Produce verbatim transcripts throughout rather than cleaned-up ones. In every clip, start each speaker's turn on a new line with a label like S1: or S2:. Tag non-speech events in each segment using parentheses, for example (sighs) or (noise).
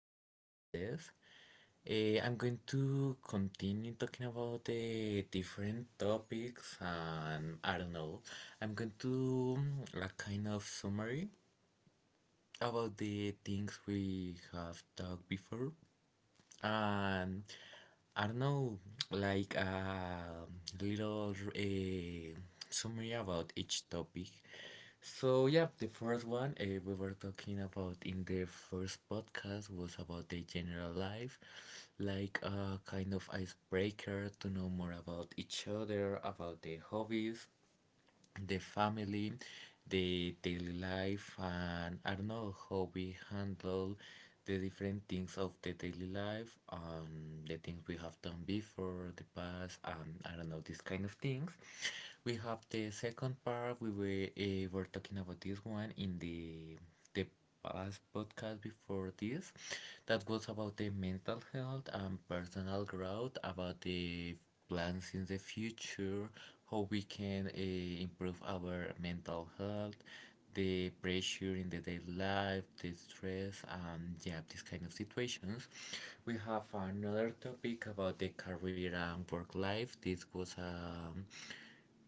S1: partner Andres. Uh, I'm going to continue talking about the different topics and I don't know. I'm going to mm, a kind of summary about the things we have talked before. Um, I don't know, like a little uh, summary about each topic. So yeah, the first one uh, we were talking about in the first podcast was about the general life, like a kind of icebreaker to know more about each other, about the hobbies, the family, the daily life, and I don't know how we handle the different things of the daily life, um, the things we have done before, the past, um, I don't know, these kind of things. We have the second part. We were, uh, were talking about this one in the the the past podcast before this that was about the mental health and personal growth, about the plans in the future, how we can uh, improve our mental health, the pressure in the daily life, the stress, and yeah, these kind of situations. We have another topic about the career and work life. This was um,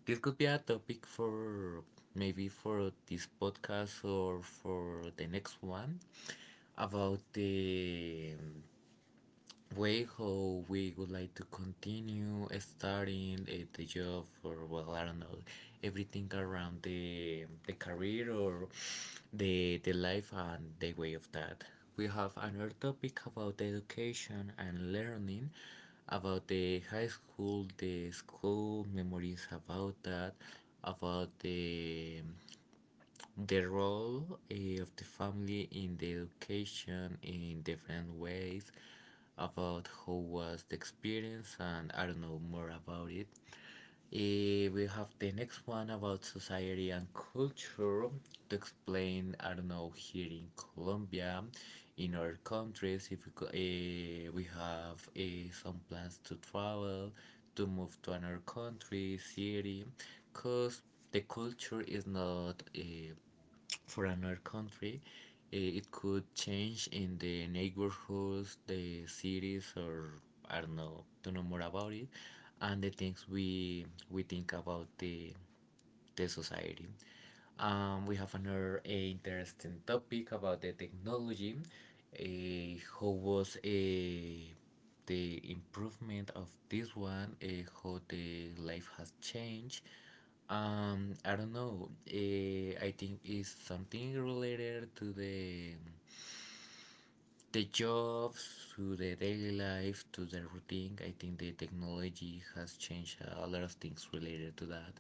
S1: this could be a topic for maybe for this podcast or for the next one about the way how we would like to continue starting uh, the job, or well, I don't know, everything around the the career or the the life and the way of that. We have another topic about education and learning, about the high school, the school memories about that, about the the role eh, of the family in the education in different ways, about how was the experience, and I don't know more about it. Eh, we have the next one about society and culture to explain, I don't know, here in Colombia, in other countries, if we, co- eh, we have eh, some plans to travel, to move to another country, city, because the culture is not eh, for another country, eh, it could change in the neighborhoods, the cities, or I don't know, don't know more about it, and the things we we think about the the society. Um, we have another uh, interesting topic about the technology. Uh, how was uh, the improvement of this one? Uh, how the life has changed? Um, I don't know. Uh, I think it's something related to the the jobs, to the daily life, to the routine. I think the technology has changed a lot of things related to that.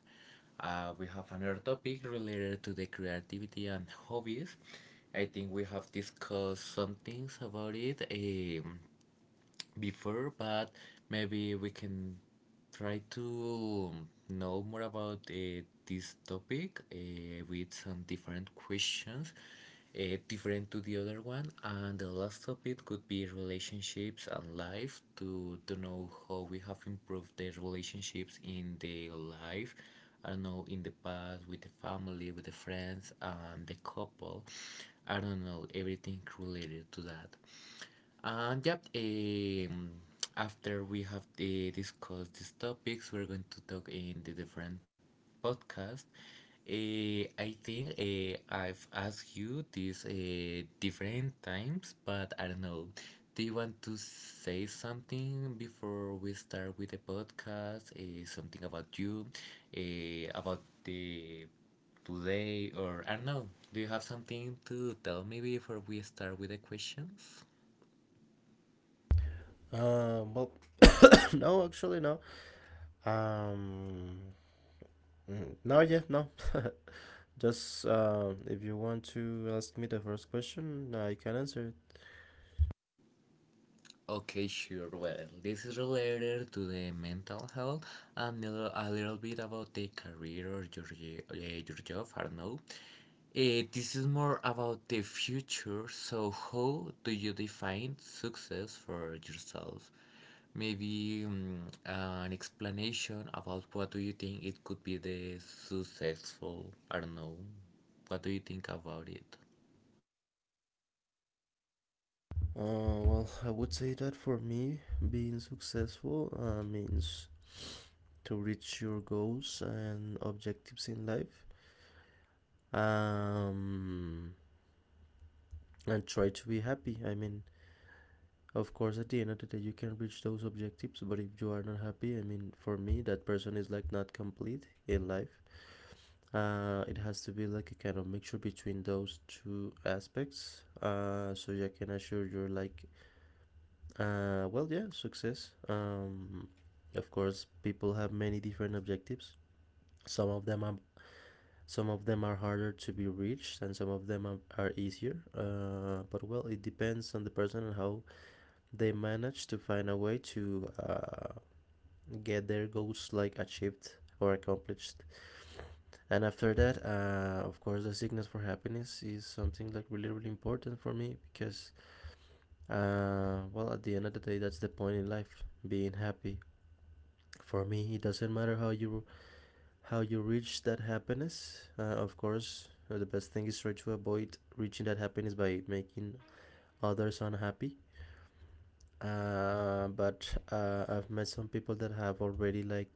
S1: uh, We have another topic related to the creativity and hobbies. I think we have discussed some things about it, um, before, but maybe we can try to know more about uh, this topic uh, with some different questions, uh, different to the other one. And the last topic could be relationships and life, to, to know how we have improved the relationships in the life. I don't know, in the past, with the family, with the friends, and the couple. I don't know, everything related to that. And yep, um, after we have uh, discussed these topics, we're going to talk in the different podcast. Uh, I think uh, I've asked you this uh, different times, but I don't know. Do you want to say something before we start with the podcast? Uh, something about you, uh, about the today, or I don't know. Do you have something to tell me before we start with the questions?
S2: Um, well, (coughs) (laughs) no, actually, no. Um, mm, no, yeah, no. Just uh, if you want to ask me the first question, I can answer it.
S1: Okay, sure. Well, this is related to the mental health and a little, a little bit about the career or your, ye- uh, your job, I don't know. Eh, this is more about the future. So, how do you define success for yourself? Maybe um, an explanation about what do you think it could be the successful, I don't know. What do you think about it?
S2: Uh, well, I would say that for me, being successful uh, means to reach your goals and objectives in life. Um, and try to be happy. I mean, of course, at the end of the day, you can reach those objectives, but if you are not happy, I mean, for me, that person is like not complete in life. Uh, it has to be like a kind of mixture between those two aspects, uh, so you can assure your like, uh, well, yeah, success. Um, of course, people have many different objectives. some of them are some of them are harder to be reached and some of them are, are easier, uh, but well, it depends on the person and how they manage to find a way to uh, get their goals like achieved or accomplished. And after that, uh, of course, the sickness for happiness is something like really, really important for me, because uh, well, at the end of the day, that's the point in life, being happy. For me, it doesn't matter how you how you reach that happiness. Uh, of course, uh, the best thing is try to avoid reaching that happiness by making others unhappy. Uh, but uh, I've met some people that have already like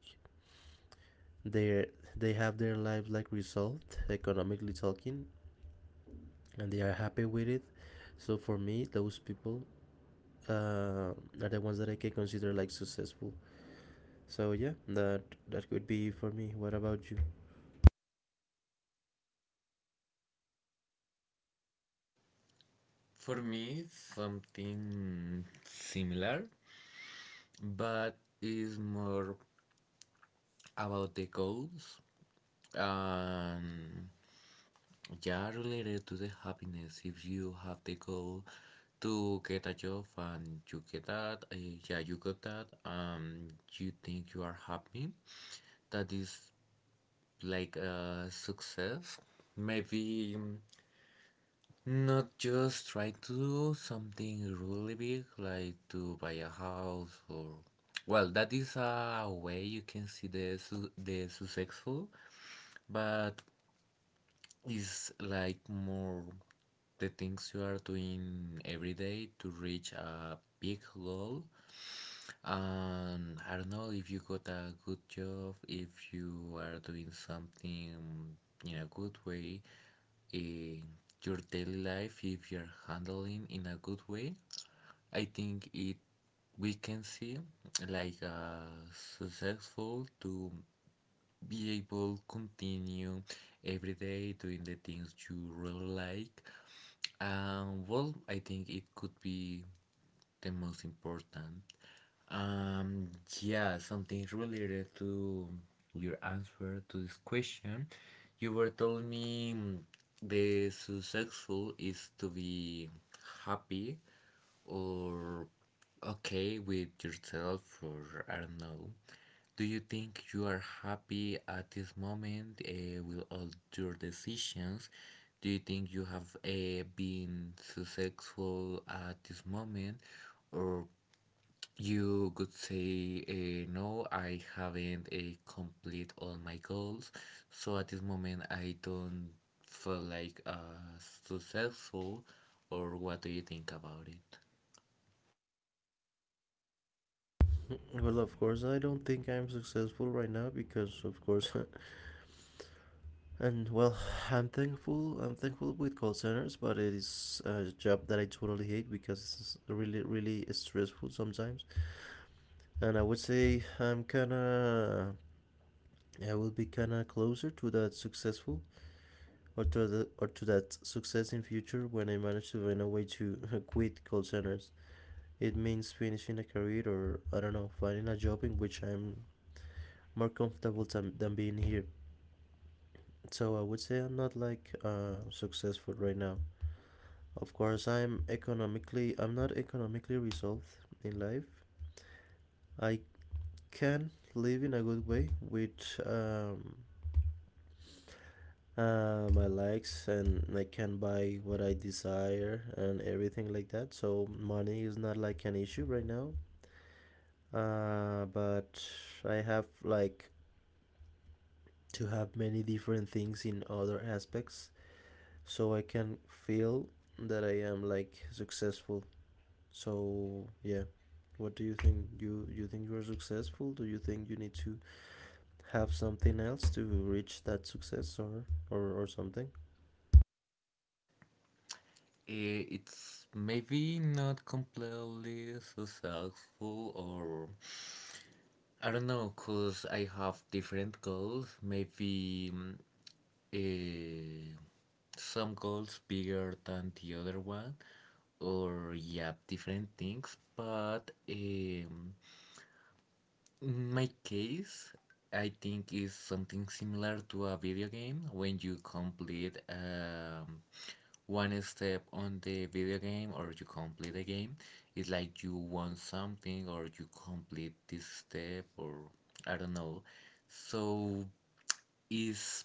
S2: their they have their life like resolved, economically talking, and they are happy with it. So for me, those people, uh, are the ones that I can consider like successful. So yeah, that that could be for me. What about you?
S1: For me, something similar, but it's more about the goals, and yeah, related to the happiness. If you have the goal to get a job and you get that, uh, yeah, you got that, um you think you are happy, that is like a success maybe. mm, Not just try to do something really big, like to buy a house, or well, that is a way you can see the su the successful, but it's like more the things you are doing every day to reach a big goal. And I don't know, if you got a good job, if you are doing something in a good way, in your daily life, if you're handling in a good way. I think it we can see like uh, successful to be able continue every day doing the things you really like. Um, well, I think it could be the most important. Um, yeah, something related to your answer to this question. You were telling me mm, the successful is to be happy or okay with yourself, or I don't know. Do you think you are happy at this moment uh, with all your decisions? Do you think you have uh, been successful at this moment? Or you could say, eh, no, I haven't eh complete all my goals. So at this moment, I don't feel like uh, successful. Or what do you think about it?
S2: (laughs) Well, of course, I don't think I'm successful right now because, of course, (laughs) and well, I'm thankful. I'm thankful with call centers, but it is a job that I totally hate because it's really, really stressful sometimes. And I would say I'm kind of I will be kind of closer to that successful, or to the, or to that success in future when I manage to find a way to (laughs) quit call centers. It means finishing a career or I don't know, finding a job in which I'm more comfortable than, than being here. So I would say I'm not like, uh, successful right now. Of course, I'm economically I'm not economically resolved in life. I can live in a good way with um, uh, my likes, and I can buy what I desire and everything like that. So money is not like an issue right now. Uh, but I have like to have many different things in other aspects so I can feel that I am like successful. So yeah. What do you think? You you think you are successful? Do you think you need to have something else to reach that success or or, or something?
S1: I- it's maybe not completely successful, or I don't know, because I have different goals maybe. mm, eh, some goals bigger than the other one, or yeah, different things, but um, in my case, I think is something similar to a video game, when you complete um, one step on the video game or you complete the game. It's like you want something or you complete this step or I don't know. So is,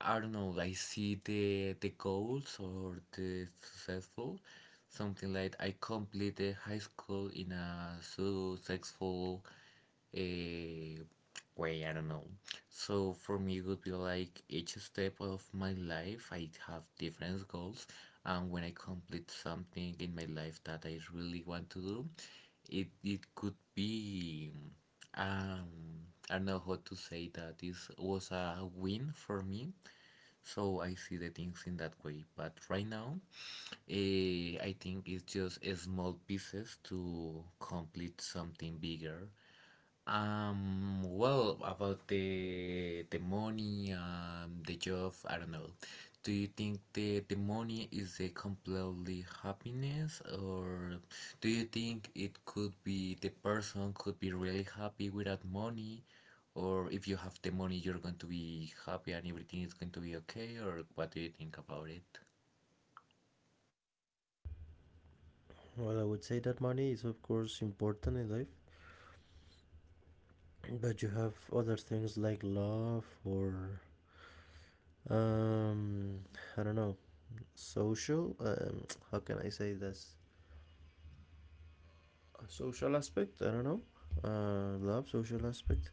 S1: I don't know, I see the the goals or the successful something like I complete the high school in a successful eh, way, I don't know. So for me, it would be like each step of my life, I have different goals, and when I complete something in my life that I really want to do, it it could be um I don't know how to say that. This was a win for me. So I see the things in that way, but right now, eh, I think it's just small pieces to complete something bigger. Um, well, about the the money, um, the job, I don't know. Do you think the the money is a completely happiness, or do you think it could be, the person could be really happy without money, or if you have the money, you're going to be happy and everything is going to be okay, or what do you think about it?
S2: Well, I would say that money is, of course, important in life, but you have other things like love, or, um, I don't know, social. Um, how can I say this? A social aspect, I don't know. Uh, love, social aspect,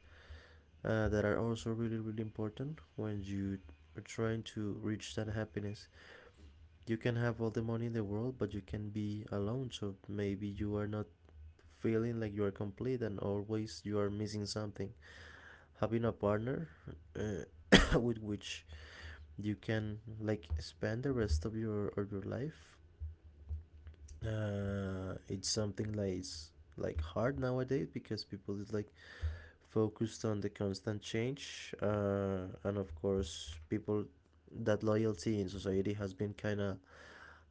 S2: uh, that are also really, really important when you are trying to reach that happiness. You can have all the money in the world, but you can be alone, so maybe you are not feeling like you are complete, and always you are missing something, having a partner uh, (coughs) with which you can like spend the rest of your of your life. uh, it's something like it's like hard nowadays because people is like focused on the constant change, uh, and of course people, that loyalty in society has been kind of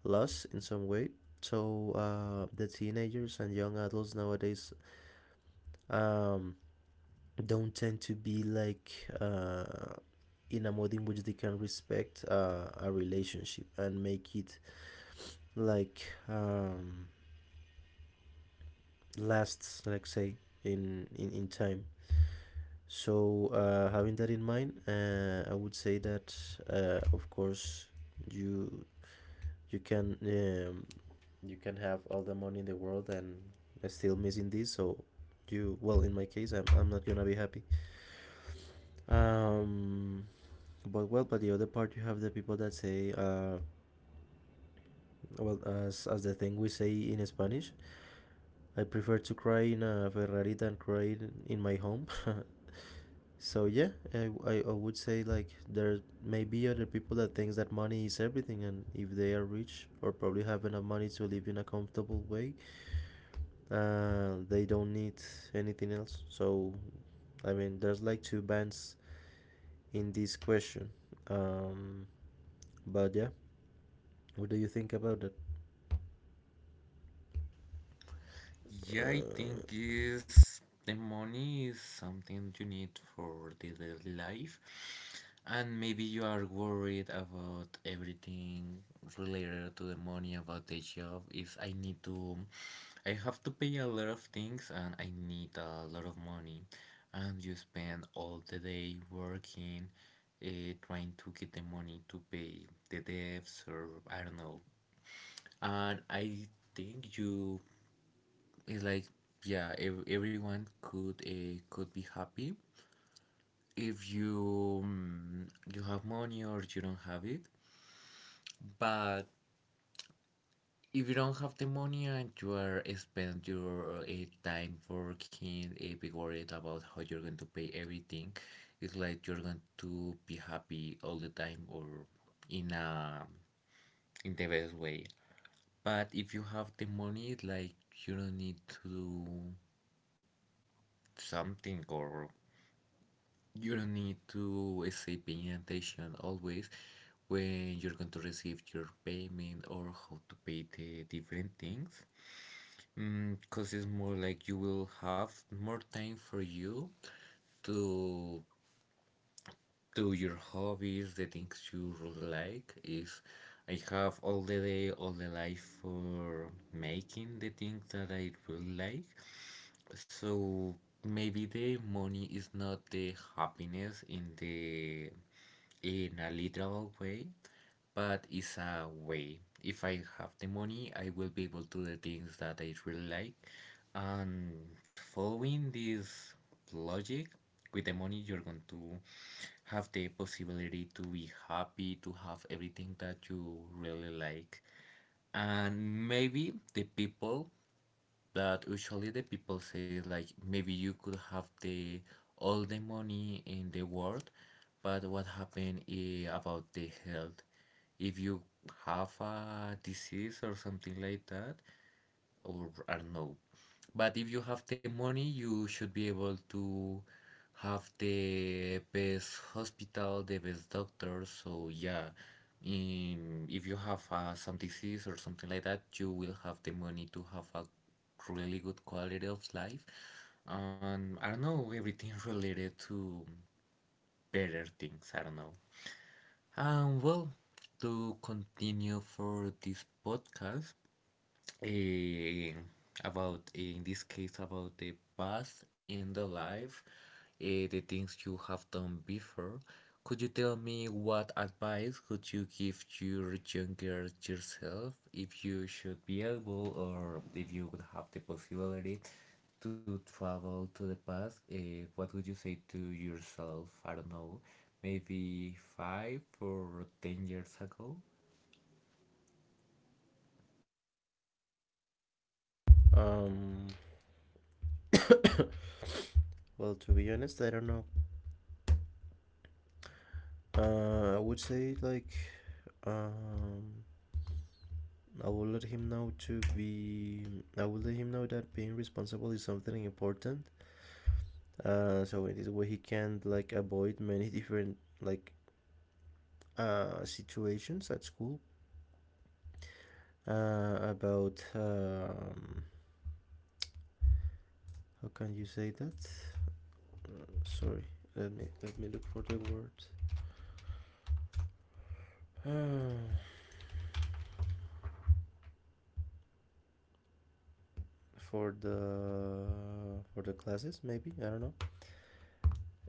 S2: lost in some way. So uh, the teenagers and young adults nowadays um, don't tend to be like uh, in a mode in which they can respect uh, a relationship and make it like um, lasts, like say, in in, in time. So uh, having that in mind, uh, I would say that, uh, of course, you you can um, you can have all the money in the world and still missing this. So you well, in my case, I'm, I'm not gonna be happy. Um, But well, but the other part, you have the people that say, uh, well, as as the thing we say in Spanish, I prefer to cry in a Ferrari than cry in my home. (laughs) So yeah, I, I I would say like there may be other people that thinks that money is everything, and if they are rich or probably have enough money to live in a comfortable way, uh, they don't need anything else. So I mean, there's like two bands in this question. Um, but yeah, what do you think about it?
S1: Yeah, I
S2: Uh,
S1: think is the money is something you need for the daily life, and maybe you are worried about everything related to the money, about the job. Is I need to, I have to pay a lot of things, and I need a lot of money, and you spend all the day working, uh, trying to get the money to pay the debts, or I don't know. And I think you, it's like yeah, ev- everyone could uh, could be happy if you, mm, you have money or you don't have it. But if you don't have the money and you are spend your uh, time working, uh, be worried about how you're going to pay everything, it's like you're going to be happy all the time, or in a, in the best way. But if you have the money, it's like you don't need to do something, or you don't need to stay paying attention always when you're going to receive your payment or how to pay the different things. Because it's more like you will have more time for you, to to your hobbies, the things you really like. If I have all the day, all the life for making the things that I really like. So maybe the money is not the happiness in the, in a literal way, but it's a way. If I have the money, I will be able to do the things that I really like. And following this logic, with the money, you're going to have the possibility to be happy, to have everything that you really like. And maybe the people, that usually the people say like, maybe you could have the, all the money in the world, but what happened is about the health? If you have a disease or something like that, or I don't know, but if you have the money, you should be able to have the best hospital, the best doctor. So yeah, um, if you have uh, some disease or something like that, you will have the money to have a really good quality of life. And I don't know, everything (laughs) related to better things. I don't know. Um, well, to continue for this podcast, eh, about, in this case, about the past in the life, eh, the things you have done before, could you tell me what advice could you give your younger yourself, if you should be able, or if you would have the possibility to travel to the past? Eh, what would you say to yourself? I don't know, maybe five or ten years ago.
S2: Um, well, to be honest, I don't know. Uh, I would say like, um, I will let him know to be. I will let him know that being responsible is something important. Uh, so in this way he can like avoid many (laughs) different like uh situations at school. Uh, about um, How can you say that? Sorry, let me let me look for the word. (sighs) For the for the classes maybe, I don't know.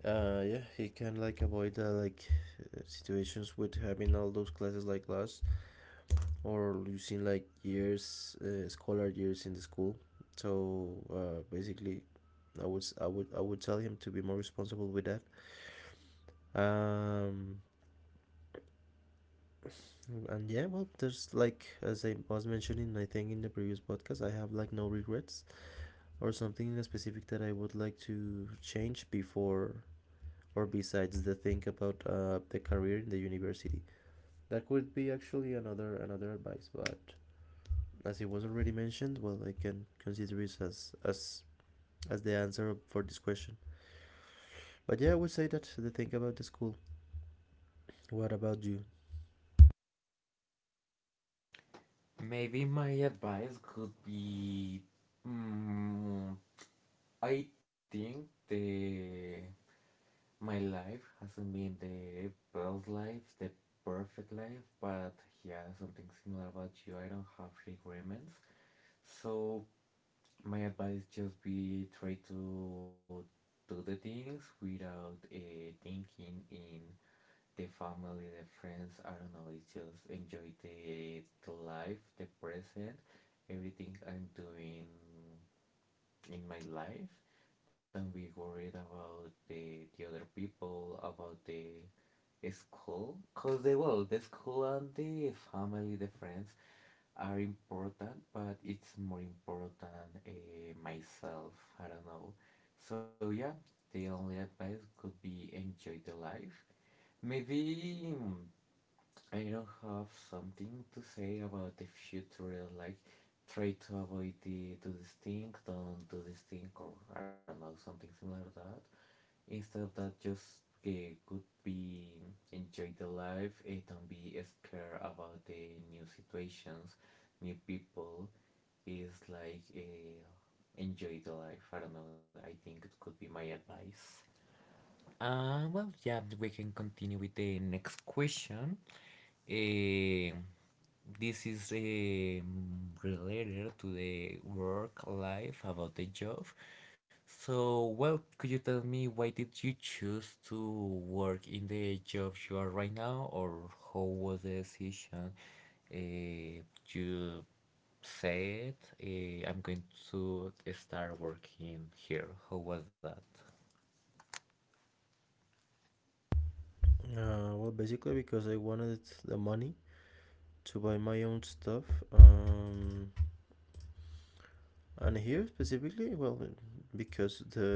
S2: uh Yeah, he can like avoid, uh, like, uh, situations with having all those classes like last, or losing like years, uh, scholar years in the school. So uh, basically, i would I would i would tell him to be more responsible with that. um and yeah, well, there's like, as I was mentioning, I think in the previous podcast, I have like no regrets or something specific that I would like to change before, or besides the thing about, uh, the career in the university, that could be actually another another advice. But as it was already mentioned, well, I can consider this as as as the answer for this question. But yeah, I would say that the thing about the school. What about you?
S1: Maybe my advice could be, mm, I think the my life hasn't been the best life, the perfect life, but yeah, something similar about you. I don't have requirements. So my advice, just be, try to do the things without uh, thinking in the family, the friends. I don't know. It's just enjoy the the life, the present, everything I'm doing in my life. Don't be worried about the the other people, about the school, cause they will. The school and the family, the friends are important, but it's more important uh, myself. I don't know. So yeah, the only advice could be enjoy the life. Maybe, mm, I don't have something to say about the future. Like, try to avoid the, do this thing, don't do this thing, or I don't know, something similar to that. Instead of that, just uh, could be enjoy the life, and don't be scared about the new situations, new people. Is like, uh, enjoy the life. I don't know. I think it could be my advice. Uh, well, yeah, we can continue with the next question. Uh, this is um related to the work life, about the job. So, well, could you tell me why did you choose to work in the job you are right now, or how was the decision? Uh, you said, uh, I'm going to start working here. How was that?
S2: Uh, well, basically because I wanted the money to buy my own stuff. um, and here specifically, well, because the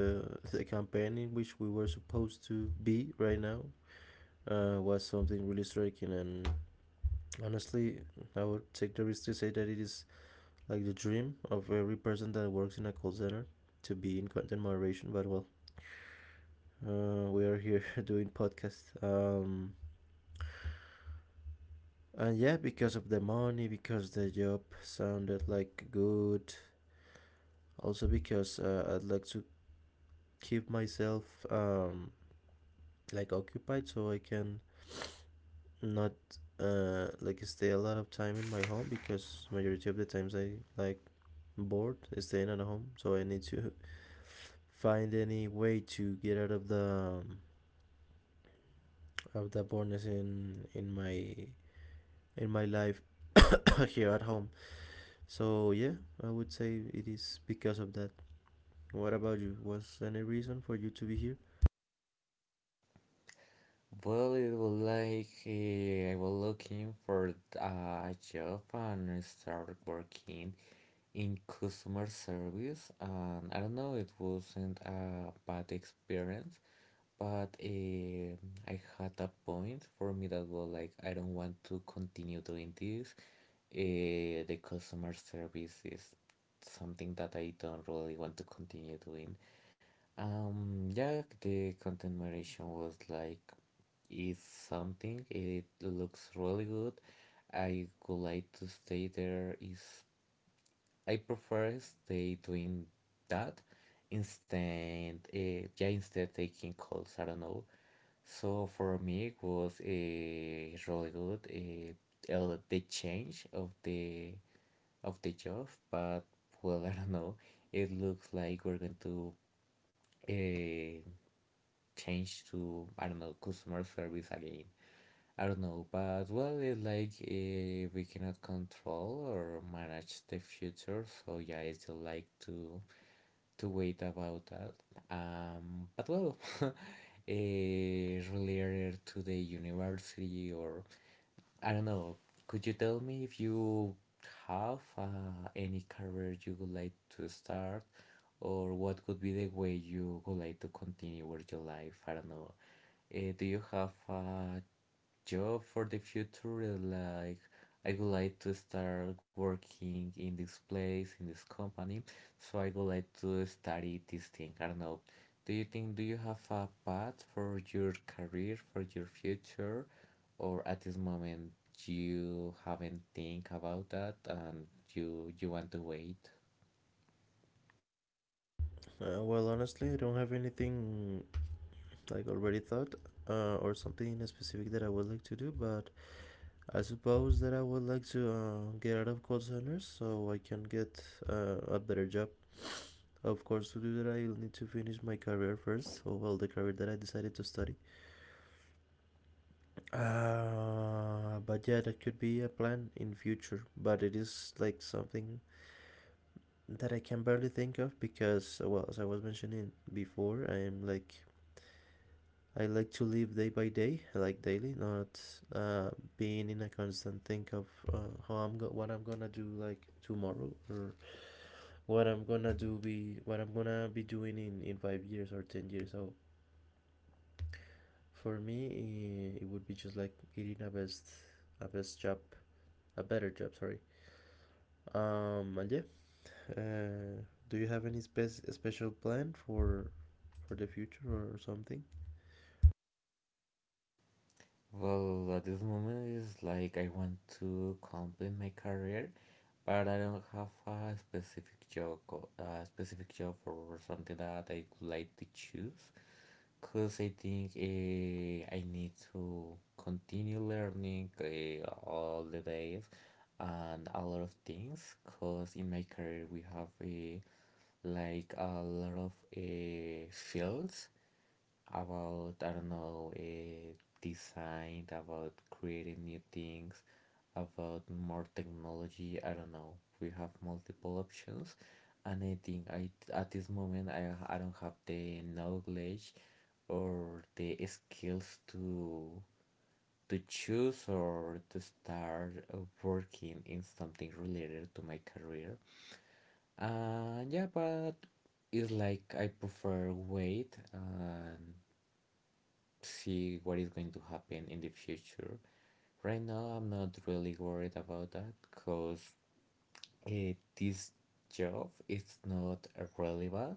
S2: the campaign in which we were supposed to be right now, uh, was something really striking. And honestly, I would take the risk to say that it is like the dream of every person that works in a call center to be in content moderation. But well, uh, we are here (laughs) doing podcast. Um and yeah, because of the money, because the job sounded like good. Also because, uh, I'd like to keep myself um like occupied, so I can not uh like stay a lot of time in my home, because majority of the times I like bored staying at home, so I need to (laughs) find any way to get out of the, um, have the bonus in in my in my life (coughs) here at home. So yeah, I would say it is because of that. What about you? Was any reason for you to be here?
S1: Well, it was like, eh, I was looking for uh, a job, and started working in customer service, and I don't know, it wasn't a bad experience, but eh, I had a point for me that was like, I don't want to continue doing this. Eh, the customer service is something that I don't really want to continue doing. Um, yeah, the content moderation was like, is something. It looks really good. I would like to stay there. Is, I prefer stay doing that instead. Uh, yeah, instead taking calls. I don't know. So for me, it was eh, really good. Uh, el- the change of the of the job, but well, (laughs) I don't know. It looks like we're going to uh, change to, I don't know, customer service again. I don't know, but well, it's like, eh, we cannot control or manage the future, so yeah, I still like to to wait about that. Um, but well, (laughs) uh, related to the university, or I don't know, could you tell me if you have uh, any career you would like to start, or what could be the way you would like to continue with your life? I don't know. Uh, do you have a job for the future, is like, I would like to start working in this place, in this company. So I would like to study this thing. I don't know. Do you think do you have a path for your career, for your future, or at this moment you haven't think about that, and you you want to wait?
S2: Uh, well, honestly, I don't have anything like already thought, uh, or something specific that I would like to do, but I suppose that I would like to, uh, get out of call centers so I can get, uh, a better job. Of course, to do that, I'll need to finish my career first, or well, the career that I decided to study. Uh, but yeah, that could be a plan in future. But it is like something that I can barely think of because, well, as I was mentioning before, I am like I like to live day by day, like daily, not, uh, being in a constant think of, uh, how I'm go- what I'm gonna do like tomorrow, or what I'm gonna do be what I'm gonna be doing in in five years or ten years. So for me, eh, it would be just like getting a best a best job, a better job. Sorry. Um, and yeah, uh, do you have any spe- special plan for for the future or something?
S1: Well, at this moment is like, I want to complete my career, but I don't have a specific job, co- a specific job, or something that I would like to choose. Cause I think uh, I need to continue learning uh, all the days and a lot of things. Cause in my career we have uh, like a lot of uh, fields about, I don't know, uh, design, about creating new things, about more technology. I don't know. We have multiple options, and I think I at this moment I I don't have the knowledge or the skills to to choose, or to start uh, working in something related to my career. And yeah, but it's like I prefer wait and see what is going to happen in the future. Right now, I'm not really worried about that because eh, this job is not really bad.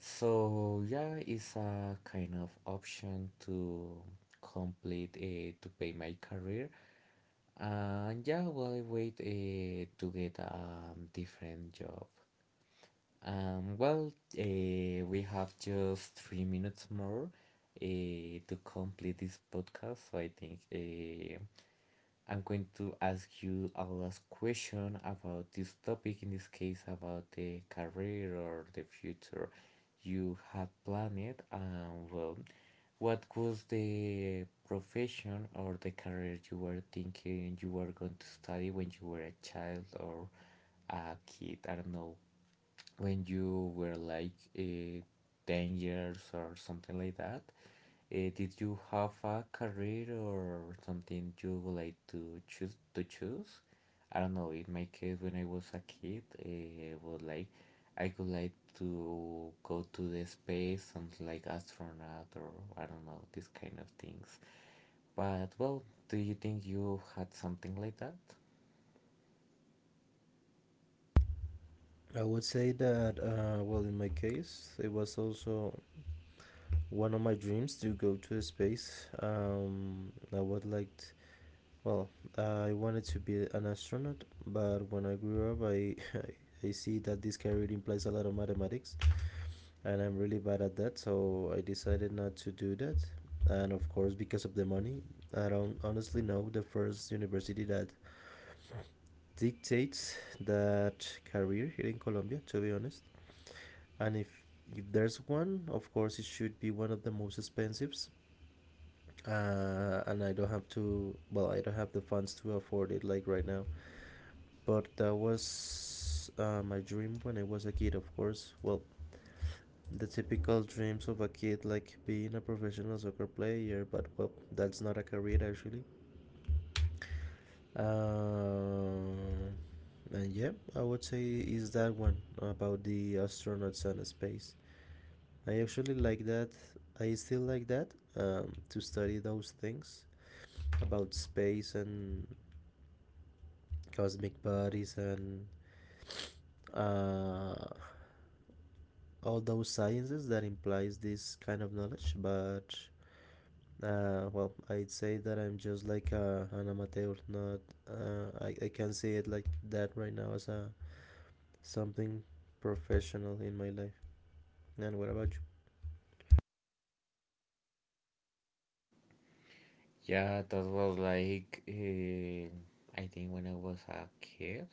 S1: So yeah, it's a kind of option to complete uh, to pay my career. And yeah, while I wait uh, to get a um, different job. Um, well, uh, we have just three minutes more uh, to complete this podcast. So I think, uh, I'm going to ask you a last question about this topic, in this case, about the career or the future you had planned. And well, what was the profession or the career you were thinking you were going to study when you were a child or a kid? I don't know, when you were like uh, ten years or something like that. Eh, did you have a career or something you would like to choose to choose? I don't know. In my case, when I was a kid, eh, was like I could like to go to the space, something like astronaut, or I don't know, these kind of things. But well, do you think you had something like that?
S2: I would say that, uh, well, in my case, it was also one of my dreams to go to space. Um, I would like. T- Well, uh, I wanted to be an astronaut, but when I grew up, I, I see that this career implies a lot of mathematics. And I'm really bad at that, so I decided not to do that. And of course, because of the money, I don't honestly know the first university that dictates that career here in Colombia, to be honest. And if if there's one, of course, it should be one of the most expensive. Uh, and I don't have to, well, I don't have the funds to afford it like right now. But that was, uh, my dream when I was a kid, of course. Well, the typical dreams of a kid like being a professional soccer player, but well, that's not a career actually. um, and yeah, I would say is that one about the astronauts and space. I actually like that, I still like that, um, to study those things about space and cosmic bodies, and, uh, all those sciences that implies this kind of knowledge, but Uh, well, I'd say that I'm just like a, an amateur. Not uh, I, I can not see it like that right now as a something professional in my life. And what about
S1: Yeah, that was like, eh, I think when I was a kid,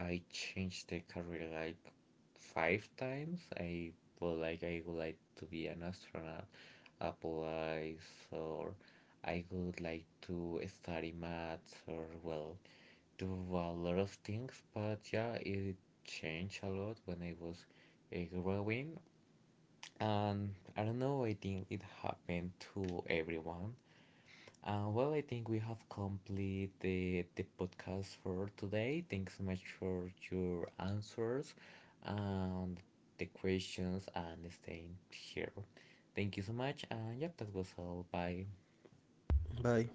S1: I changed the career like five times. I, well, like, I would like to be an astronaut, a police, or I would like to study maths, or well, do a lot of things. But yeah, it changed a lot when I was uh, growing, and I don't know. I think it happened to everyone. Uh, well, I think we have completed the, the podcast for today. Thanks so much for your answers and the questions and staying here. Thank you so much. And yep, that was all. Bye.
S2: you? Bye.